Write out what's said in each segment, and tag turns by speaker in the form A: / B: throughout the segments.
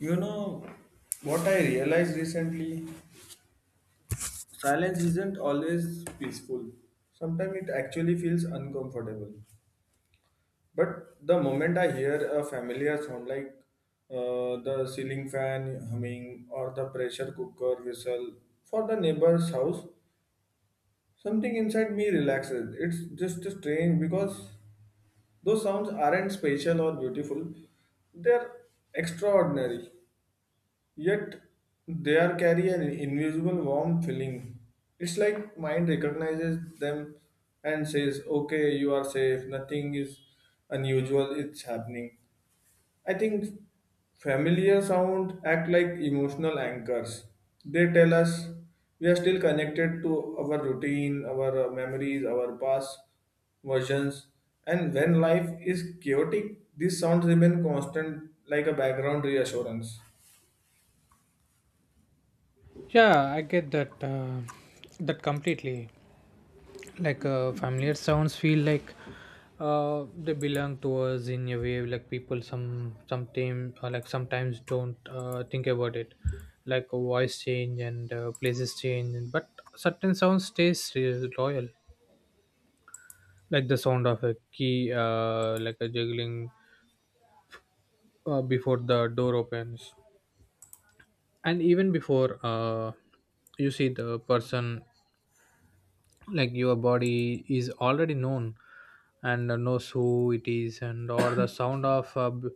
A: You know, what I realized recently, silence isn't always peaceful. Sometimes it actually feels uncomfortable. But the moment I hear a familiar sound like the ceiling fan humming or the pressure cooker whistle for the neighbor's house, something inside me relaxes. It's just strange because those sounds aren't special or beautiful, they're extraordinary. Yet they are carry an invisible warm feeling. It's like mind recognizes them and says, "Okay, you are safe. Nothing is unusual. It's happening." I think familiar sound act like emotional anchors. They tell us we are still connected to our routine, our memories, our past versions. And when life is chaotic, these sounds remain constant, like a background reassurance.
B: Yeah, I get that completely. Like familiar sounds feel like they belong to us in a way. Like people sometimes or like sometimes don't think about it. Like voice change and places change, but certain sounds stays loyal. Like the sound of a key, like a juggling before the door opens, and even before you see the person, like your body is already known and knows who it is, and or the sound of uh, b-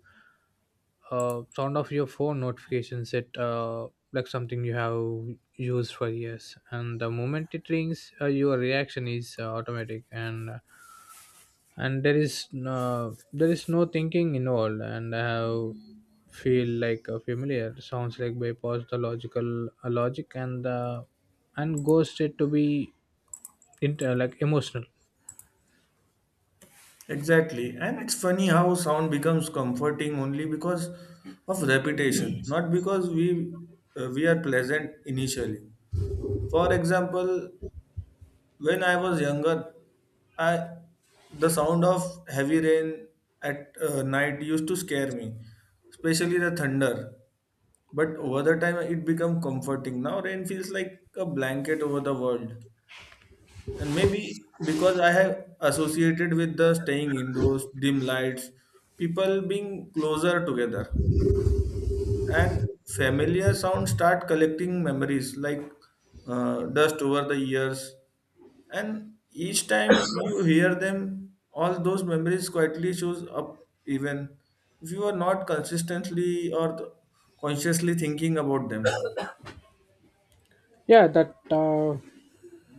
B: uh, sound of your phone notifications, it like something you have used for years, and the moment it rings your reaction is automatic, and there is no thinking involved. And I have feel like a familiar sounds like bypass the logic and the and go straight to be like emotional.
A: Exactly. And it's funny how sound becomes comforting only because of repetition, not because we are pleasant initially. For example, when I was younger, I the sound of heavy rain at night used to scare me, especially the thunder. But over the time, it became comforting. Now rain feels like a blanket over the world. And maybe because I have associated with the staying indoors, dim lights, people being closer together, and familiar sounds start collecting memories like dust over the years. And each time you hear them, all those memories quietly shows up, even if you are not consistently or consciously thinking about them.
B: Yeah that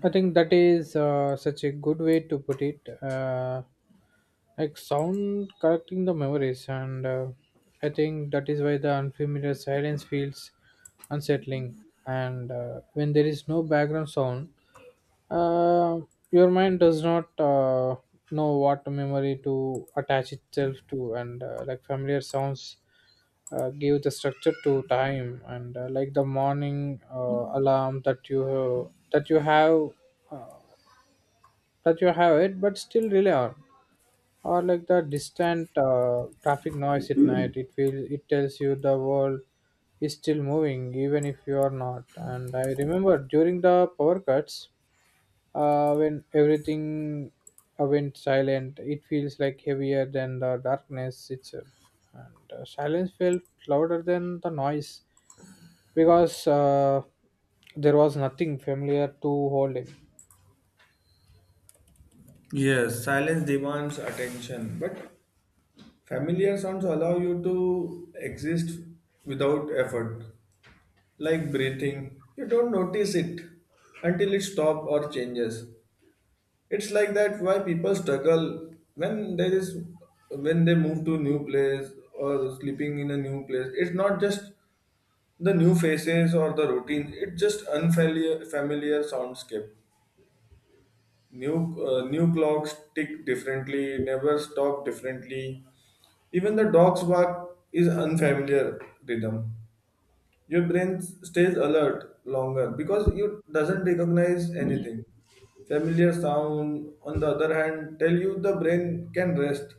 B: I think that is such a good way to put it, like sound correcting the memories, and I think that is why the unfamiliar silence feels unsettling. And when there is no background sound uh, your mind does not know what memory to attach itself to. And like familiar sounds give the structure to time. And like the morning alarm that you have, that you have uh, that you have it, but still rely on. Or like the distant traffic noise at night, it feels it tells you the world is still moving, even if you are not. And I remember during the power cuts, when everything went silent, it feels like heavier than the darkness itself. And silence felt louder than the noise, because there was nothing familiar to hold him.
A: Yes, silence demands attention, but familiar sounds allow you to exist without effort, like breathing. You don't notice it until it stops or changes. It's like that why people struggle when there is when they move to new place or sleeping in a new place. It's not just the new faces or the routine. It's just unfamiliar familiar soundscape. New new clocks tick differently, never stop differently. Even the dog's bark is unfamiliar rhythm. Your brain stays alert longer because you doesn't recognize anything. Familiar sound, on the other hand, tell you the brain can rest.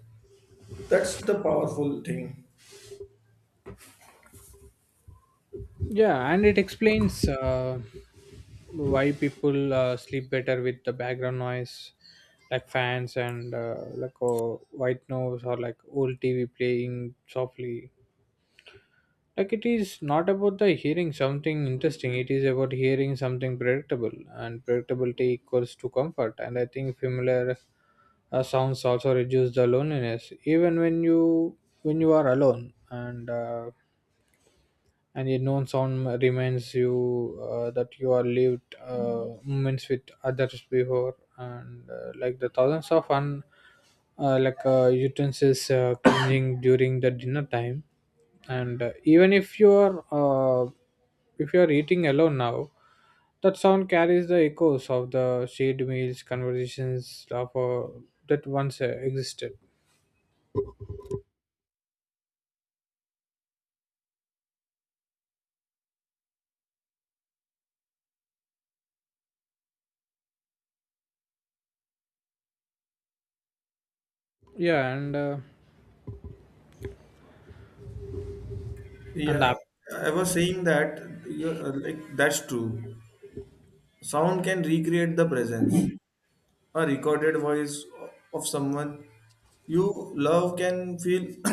A: That's the powerful thing.
B: Yeah, and it explains why people sleep better with the background noise, like fans and white noise, or like old TV playing softly. Like it is not about the hearing something interesting, it is about hearing something predictable, and predictability equals to comfort. And I think familiar sounds also reduce the loneliness, even when you are alone. And a known sound reminds you that you are lived moments with others before. And like the thousands of un like utensils cleaning during the dinner time. And even uh, if you are eating alone now, that sound carries the echoes of the shared meals conversations of that once existed. yeah and uh, and
A: Yeah,
B: the
A: I was saying that you like that's true. Sound can recreate the presence. A recorded voice of someone you love can feel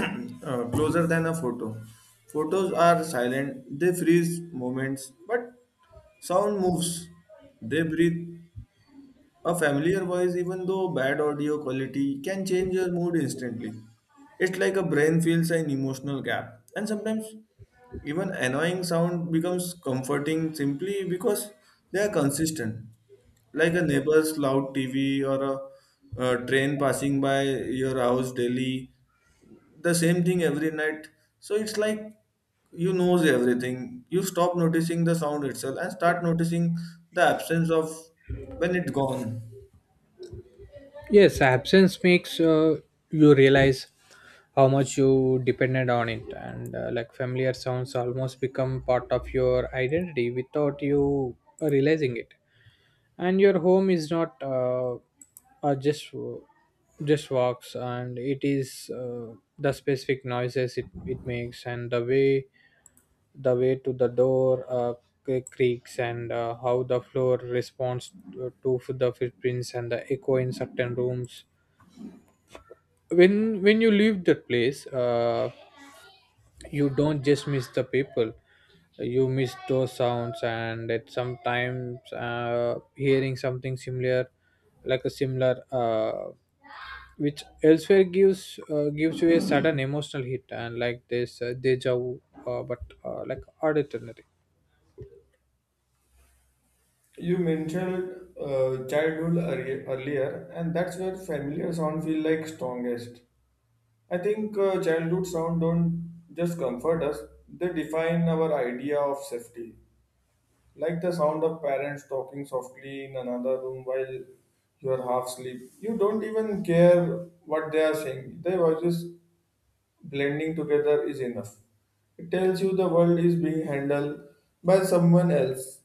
A: closer than a photo. Photos are silent, they freeze moments, but sound moves, they breathe. A familiar voice, even though bad audio quality, can change your mood instantly. It's like a brain feels an emotional gap, and sometimes even annoying sound becomes comforting simply because they are consistent, like a neighbor's loud TV or a train passing by your house daily. The same thing every night. So it's like you knows everything. You stop noticing the sound itself and start noticing the absence of when it's gone.
B: Yes, absence makes you realize how much you depended on it. And like familiar sounds almost become part of your identity without you realizing it. And your home is not just just walks, and it is the specific noises it makes, and the way to the door creaks, and how the floor responds to the footprints, and the echo in certain rooms. When you leave that place, you don't just miss the people, you miss those sounds. And it sometimes, hearing something similar, like a similar which elsewhere, gives you a sudden emotional hit, and like this deja vu, but like auditory.
A: You mentioned childhood earlier, and that's where familiar sound feel like strongest. I think childhood sound don't just comfort us; they define our idea of safety. Like the sound of parents talking softly in another room while you are half asleep. You don't even care what they are saying. Their voices blending together is enough. It tells you the world is being handled by someone else.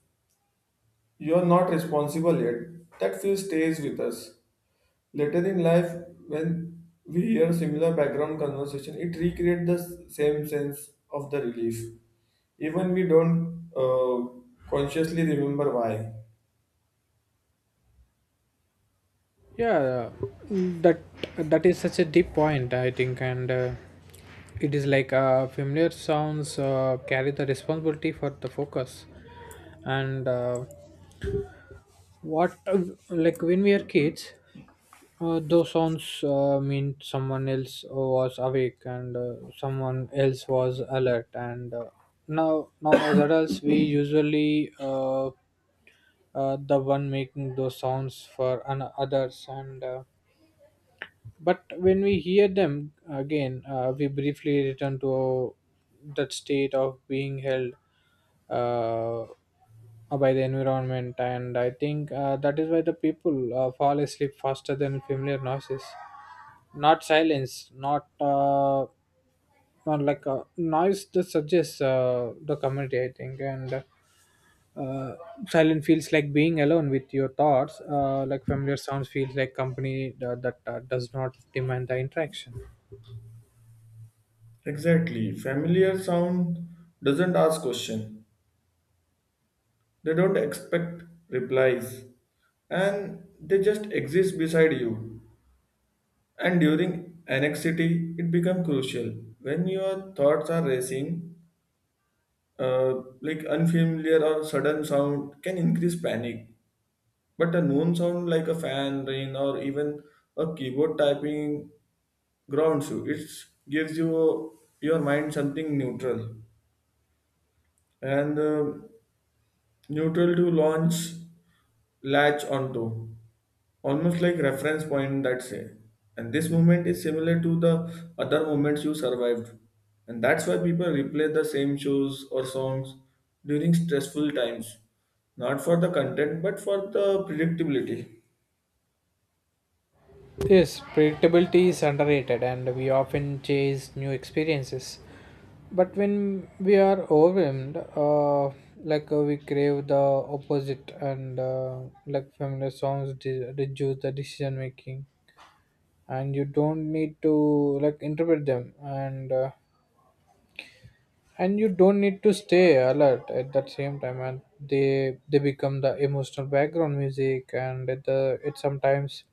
A: You are not responsible yet. That feel stays with us. Later in life, when we hear similar background conversation, it recreates the same sense of the relief. Even we don't consciously remember why.
B: yeah that that is such a deep point, I think. And it is like familiar sounds carry the responsibility for the focus. And what like when we are kids, those sounds mean someone else was awake, and someone else was alert. And now as adults we usually the one making those sounds for others. And but when we hear them again, we briefly return to that state of being held uh, by the environment. And I think that is why the people fall asleep faster than familiar noises, not silence, not like a noise that suggests the community, I think. And uh, silent feels like being alone with your thoughts. Like familiar sounds feels like company that, that does not demand the interaction.
A: Exactly. Familiar sound doesn't ask question. They don't expect replies. And they just exist beside you. And during anxiety, it becomes crucial. When your thoughts are racing, like unfamiliar or sudden sound can increase panic. But a known sound like a fan, rain, or even a keyboard typing grounds you. It gives you your mind something neutral and neutral to launch latch onto, almost like reference point that say and this moment is similar to the other moments you survived. And that's why people replay the same shows or songs during stressful times, not for the content but for the predictability.
B: Yes, predictability is underrated, and we often chase new experiences. But when we are overwhelmed, we crave the opposite. And like familiar songs reduce the decision making, and you don't need to like interpret them. And and you don't need to stay alert at that same time, and they become the emotional background music. And the it sometimes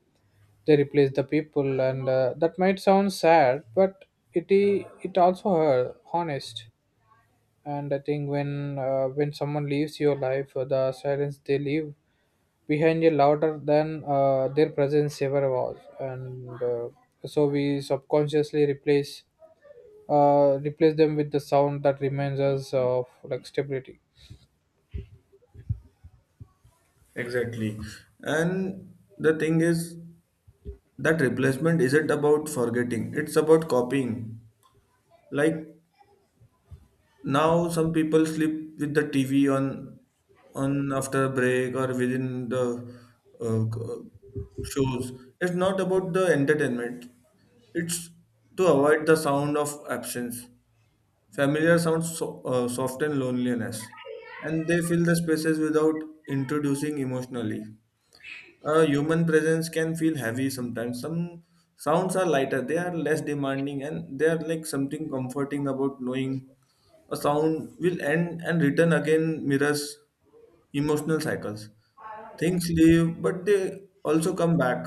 B: they replace the people. And that might sound sad, but it also hurt, honest. And I think when someone leaves your life, the silence they leave behind is louder than their presence ever was. And so we subconsciously replace them with the sound that reminds us of like stability.
A: Exactly. And the thing is that replacement isn't about forgetting, it's about copying. Like now some people sleep with the TV on after break or within the uh, c- uh, shows. It's not about the entertainment. It's to avoid the sound of absence. Familiar sounds so, soften loneliness, and they fill the spaces without introducing emotionally. A human presence can feel heavy sometimes. Some sounds are lighter, they are less demanding, and they are like something comforting about knowing a sound will end and return again mirrors emotional cycles. Things leave, but they also come back.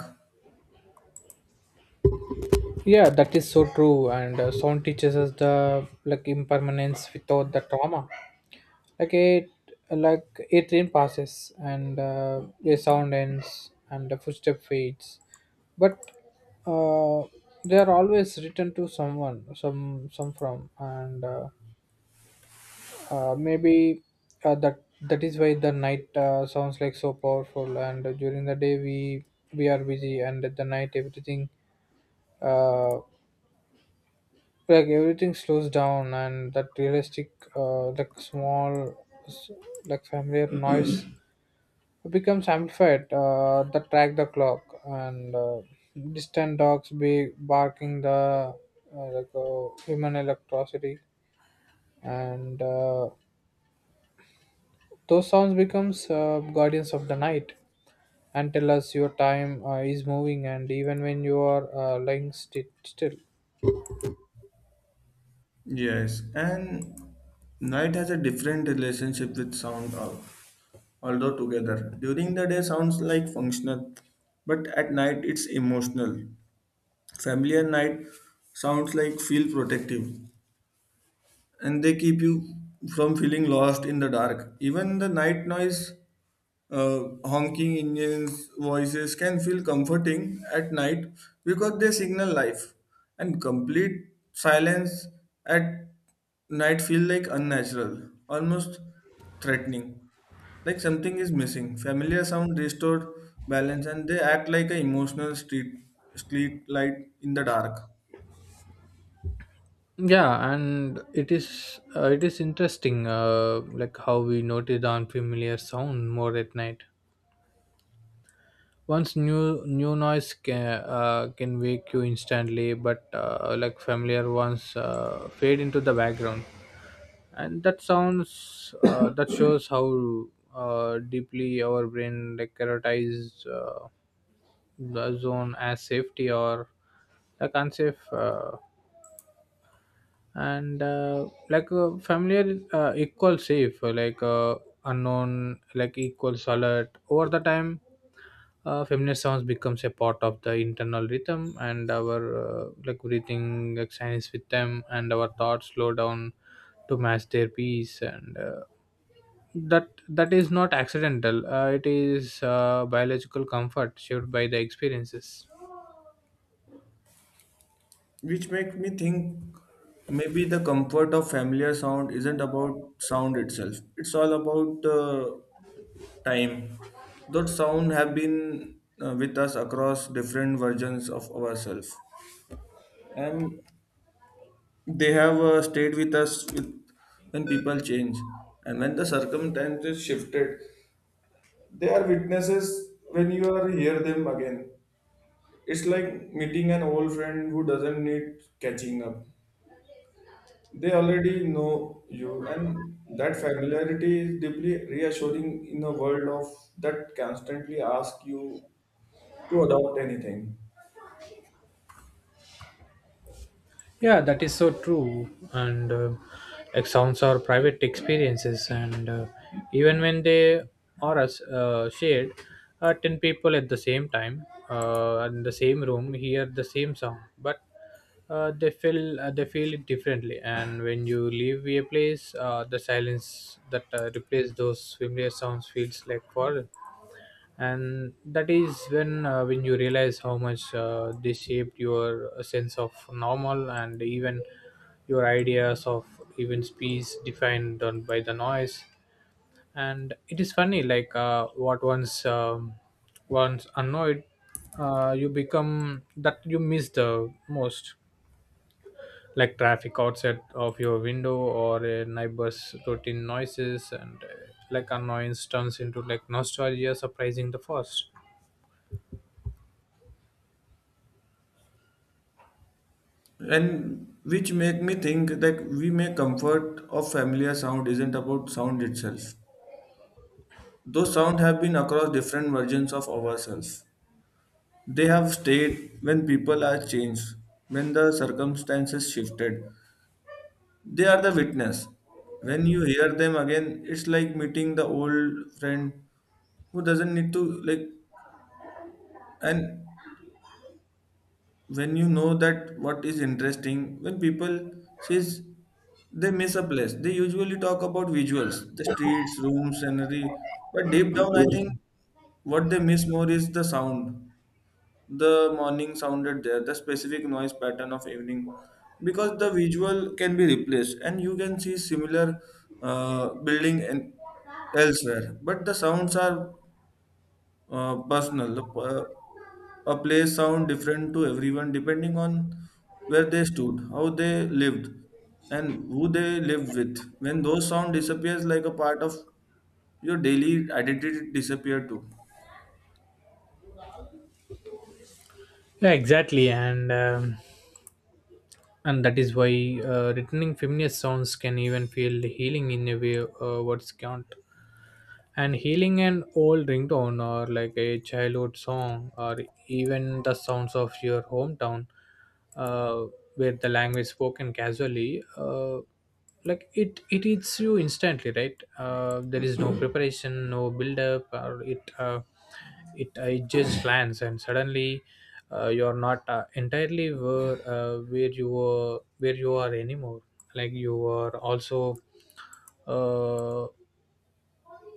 B: Yeah, that is so true. And sound teaches us the like impermanence without the trauma. like it like a train passes, and a sound ends, and the footstep fades. But uh, they are always written to someone some from. And maybe that that is why the night sounds like so powerful. And during the day we are busy, and at the night everything uh, like everything slows down. And that realistic like small s- like familiar noise, it becomes amplified. That track the clock, and distant dogs be barking, the human electricity. And those sounds becomes guardians of the night, and tell us your time is moving, and even when you are lying still.
A: Yes, and night has a different relationship with sound, although together. During the day, sounds like functional, but at night, it's emotional. Family and night sounds like feel protective and they keep you from feeling lost in the dark. Even the night noise, honking engines, voices can feel comforting at night because they signal life. And complete silence at night feel like unnatural, almost threatening. Like something is missing. Familiar sound restore balance and they act like an emotional street light in the dark.
B: Yeah, and it is interesting, like how we notice the unfamiliar sound more at night. Once new noise can wake you instantly, but like familiar ones fade into the background. And that sounds that shows how deeply our brain like prioritizes the zone as safety, or like unsafe. And like familiar equals safe, unknown like equals alert. Over the time feminist sounds becomes a part of the internal rhythm, and our like breathing like science with them, and our thoughts slow down to match their pace. And that that is not accidental. It is biological comfort shaped by the experiences.
A: Which makes me think maybe the comfort of familiar sound isn't about sound itself, it's all about the time those sound have been with us across different versions of ourselves, and they have stayed with us when people change and when the circumstances shifted. They are witnesses. When you are hear them again, it's like meeting an old friend who doesn't need catching up. They already know you, and that familiarity is deeply reassuring in a world of that constantly asks you to adopt anything.
B: Yeah, that is so true. And like sounds are private experiences. And even when they are as shared, ten people at the same time in the same room hear the same song, but they feel it differently. And when you leave a place, the silence that replaces those familiar sounds feels like foreign. And that is when you realize how much they shaped your sense of normal, and even your ideas of, even peace defined on by the noise. And it is funny like what once annoyed you become that you miss the most, like traffic outside of your window, or a neighbor's routine noises. And like annoyance turns into like nostalgia, surprising the first.
A: And which make me think that we may comfort of familiar sound isn't about sound itself. Those sound have been across different versions of ourselves. They have stayed when people are changed, when the circumstances shifted, they are the witness. When you hear them again, it's like meeting the old friend who doesn't need to like. And when you know that what is interesting, when people says they miss a place, they usually talk about visuals, the streets, rooms, scenery, but deep down I think what they miss more is the sound. The morning sounded there, the specific noise pattern of evening, because the visual can be replaced and you can see similar building and elsewhere. But the sounds are personal. A place sound different to everyone depending on where they stood, how they lived, and who they lived with. When those sound disappears, like a part of your daily identity disappear too.
B: Yeah, exactly. And and that is why returning feminist sounds can even feel healing in a way words can't. And healing an old ringtone, or like a childhood song, or even the sounds of your hometown, uh, with the language spoken casually, like it hits you instantly, right? There is no preparation, no build up. It just lands, and suddenly you're not entirely where you were where you are anymore. Like you are also uh,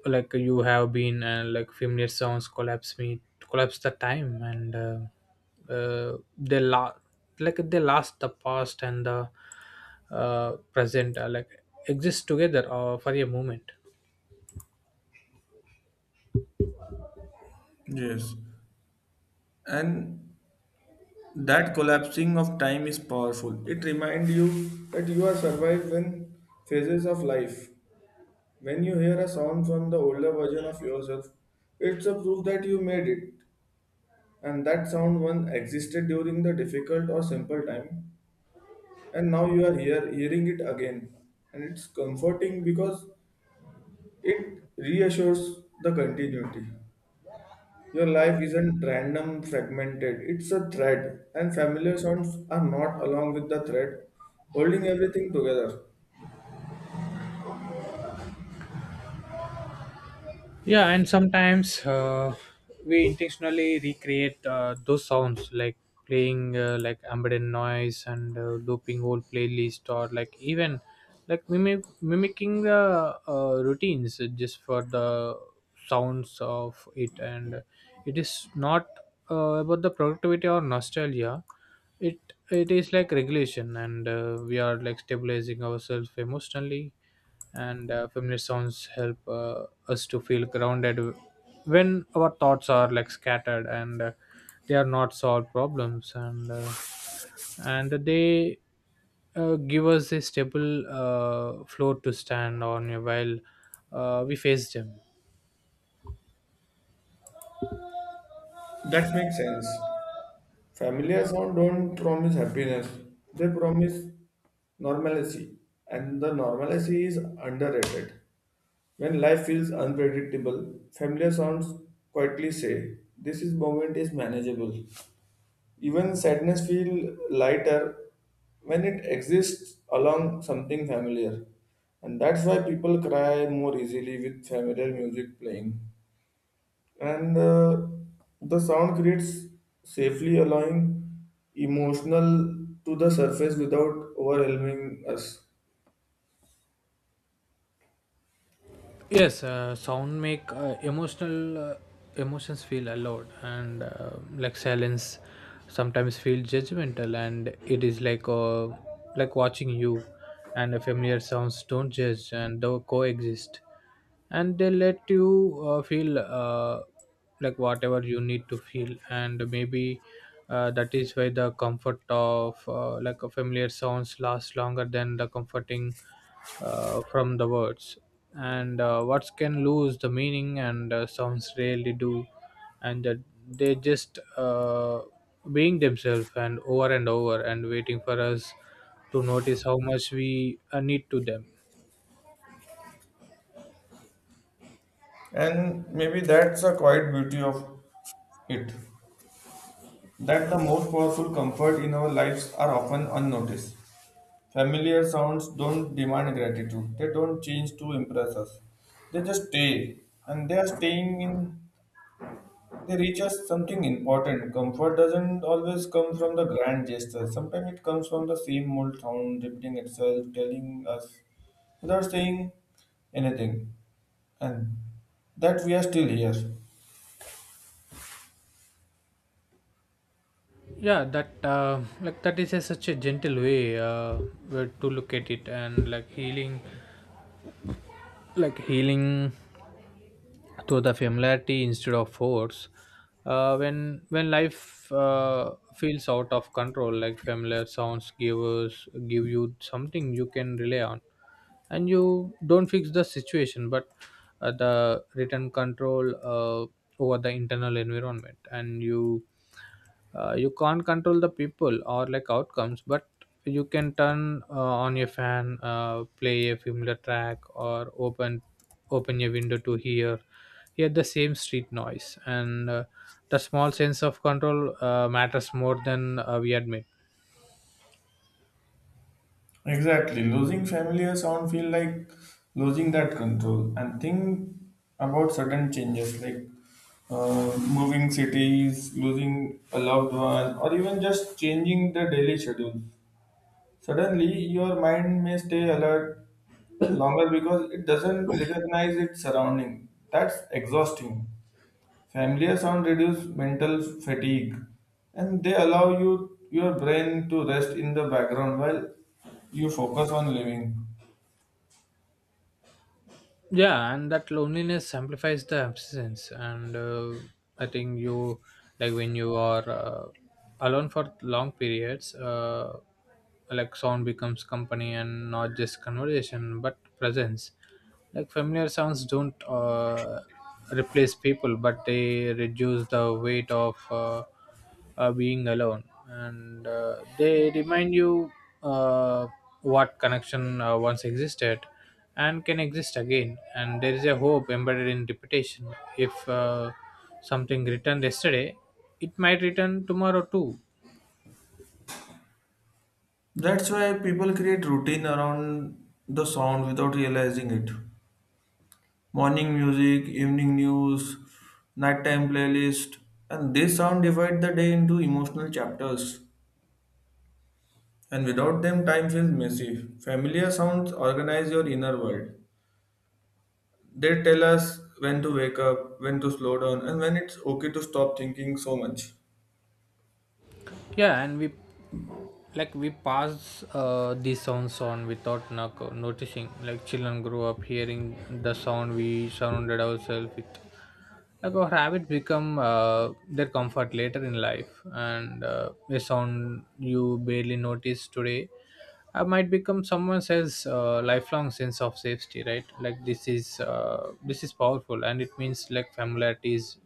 B: like you have been like familiar sounds collapse the time. Like they last the past and the present, like exist together for a moment.
A: Yes. And that collapsing of time is powerful. It reminds you that you are survived when phases of life. When you hear a sound from the older version of yourself, it's a proof that you made it, and that sound once existed during the difficult or simple time, and now you are here hearing it again. And it's comforting because it reassures the continuity. Your life isn't random, fragmented, it's a thread, and familiar sounds are not along with the thread, holding everything together.
B: Yeah, and sometimes we intentionally recreate those sounds, like playing like ambient noise, and looping whole playlist, or like even like mimicking the routines just for the sounds of it. And it is not about the productivity or nostalgia. it it is like regulation. And we are like stabilizing ourselves emotionally. And feminist sounds help us to feel grounded when our thoughts are like scattered. And they are not solved problems. And they give us a stable floor to stand on while we face them.
A: That makes sense. Familiar sounds don't promise happiness, they promise normalcy, and the normalcy is underrated. When life feels unpredictable, familiar sounds quietly say, this is moment is manageable. Even sadness feels lighter when it exists along something familiar. And that's why people cry more easily with familiar music playing. And the sound creates safely, allowing emotional to the surface without overwhelming us.
B: Yes, sound make emotional emotions feel allowed. And like silence sometimes feel judgmental, and it is like watching you. And the familiar sounds don't judge, and they coexist, and they let you feel like whatever you need to feel. And maybe that is why The comfort of like a familiar sounds lasts longer than the comforting from the words. And words can lose the meaning, and sounds rarely do. And that they just being themselves and over and over and waiting for us to notice how much we need to them.
A: And maybe that's a quiet beauty of it, that the most powerful comfort in our lives are often unnoticed. Familiar sounds don't demand gratitude. They don't change to impress us. They just stay. And they are staying in, they reach us something important. Comfort doesn't always come from the grand gestures. Sometimes it comes from the same old sound repeating itself, telling us without saying anything. And that we are still here.
B: Yeah, that is such a gentle way where to look at it. And like healing, like healing, to the familiarity instead of force. When life feels out of control, like familiar sounds give you something you can rely on, and you don't fix the situation, but the return control over the internal environment. And you can't control the people or like outcomes, but you can turn on your fan, play a familiar track, or open your window to hear the same street noise. And the small sense of control matters more than we admit.
A: Exactly. Losing familiar sound feel like losing that control. And think about sudden changes like moving cities, losing a loved one, or even just changing the daily schedule. Suddenly, your mind may stay alert longer because it doesn't recognize its surrounding. That's exhausting. Familiar sound reduce mental fatigue and they allow you your brain to rest in the background while you focus on living.
B: Yeah, and that loneliness amplifies the absence. And I think you like when you are alone for long periods, like sound becomes company, and not just conversation but presence. Like familiar sounds don't replace people, but they reduce the weight of being alone. And they remind you uh, what connection once existed and can exist again. And there is a hope embedded in repetition: if something returned yesterday, it might return tomorrow too.
A: That's why people create routine around the sound without realizing it. Morning music, evening news, nighttime playlist, and they sound divide the day into emotional chapters. And without them, time feels messy. Familiar sounds organize your inner world. They tell us when to wake up, when to slow down, and when it's okay to stop thinking so much.
B: Yeah, and we, like we pass these sounds on without noticing. Like children grow up hearing the sound we surrounded ourselves with, like our habits become their comfort later in life. And a sound you barely notice today might become someone else's lifelong sense of safety, right? Like this is this is powerful, and it means like familiarity is,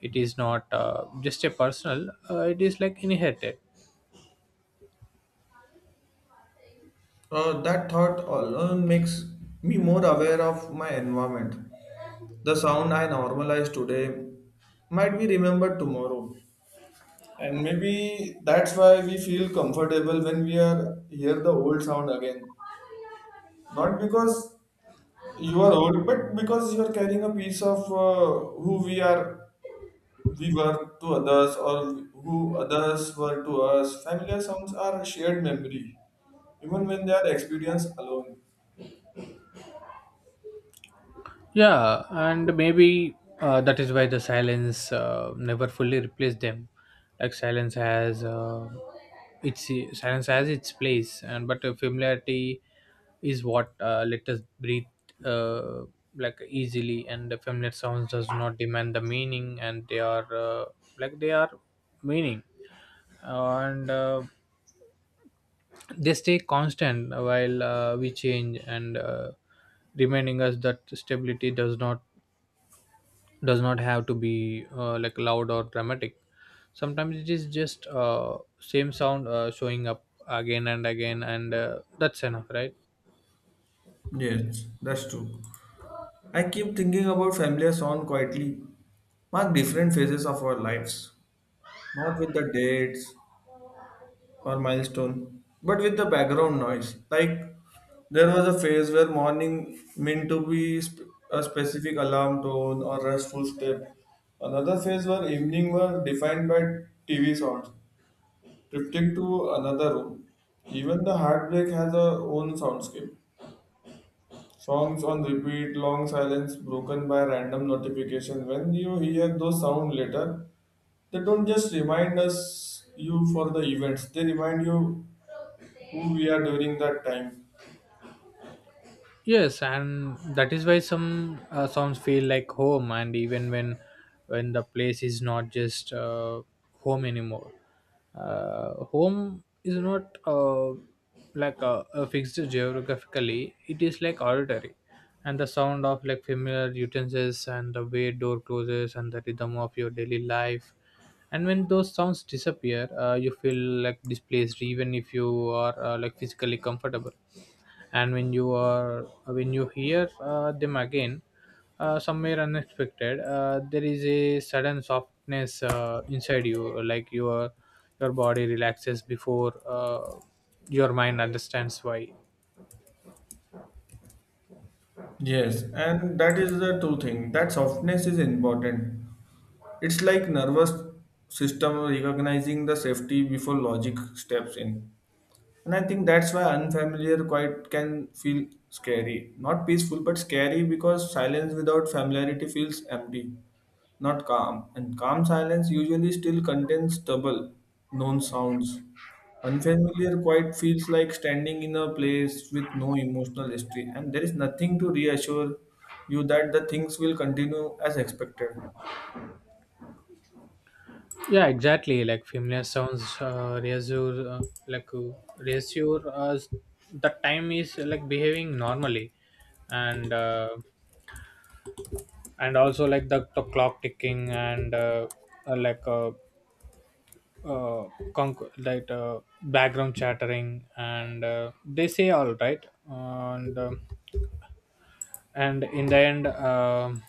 B: it is not just a personal, it is like inherited.
A: That thought alone makes me more aware of my environment. The sound I normalize today might be remembered tomorrow. And maybe that's why we feel comfortable when we are hear the old sound again. Not because you are old, but because you are carrying a piece of who we were to others or who others were to us. Familiar sounds are a shared memory, even when they are experienced alone.
B: Yeah, and maybe that is why the silence never fully replaced them. Like silence has its silence has its place. And but familiarity is what let us breathe uh, like easily. And the familiar sounds does not demand the meaning, and they are they are meaning. And they stay constant while we change, and reminding us that stability does not, does not have to be like loud or dramatic. Sometimes it is just same sound showing up again and again, and that's enough, right?
A: Yes, that's true. I keep thinking about familiar song quietly, mark different phases of our lives, not with the dates, or milestone, but with the background noise. Like there was a phase where morning meant to be a specific alarm tone or restful step. Another phase where evening were defined by TV sounds, drifting to another room. Even the heartbreak has a own soundscape. Songs on repeat, long silence broken by random notification. When you hear those sound later, they don't just remind us you for the events. They remind you who we are during that time.
B: Yes, and that is why some songs feel like home, and even when the place is not just home anymore. Home is not like a fixed geographically; it is like auditory, and the sound of like familiar utensils and the way door closes and the rhythm of your daily life. And when those sounds disappear, you feel like displaced, even if you are like physically comfortable. And when you are when you hear them again somewhere unexpected, there is a sudden softness inside you. Like your body relaxes before your mind understands why.
A: Yes, and that is the two thing. That softness is important. It's like nervous system recognizing the safety before logic steps in. And I think that's why unfamiliar quiet can feel scary. Not peaceful, but scary because silence without familiarity feels empty, not calm. And calm silence usually still contains stubble, known sounds. Unfamiliar quiet feels like standing in a place with no emotional history, and there is nothing to reassure you that the things will continue as expected.
B: Yeah, exactly. Like familiar sounds like uh, reassure us that time is like behaving normally. And and also like the clock ticking, and uh, like uh, uh, background chattering, and they say all right. And and in the end,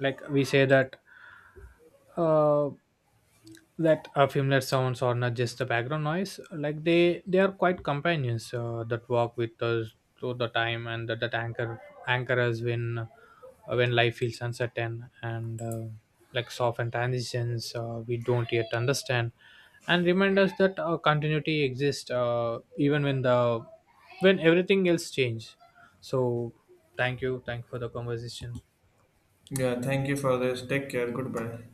B: like we say that uh, familiar sounds are not just the background noise. Like they are quite companions that walk with us through the time, and that anchor us when life feels uncertain, and like soften transitions we don't yet understand, and remind us that continuity exists even when the when everything else changes. So thank you, thank you for the conversation.
A: Yeah, thank you for this. Take care. Goodbye.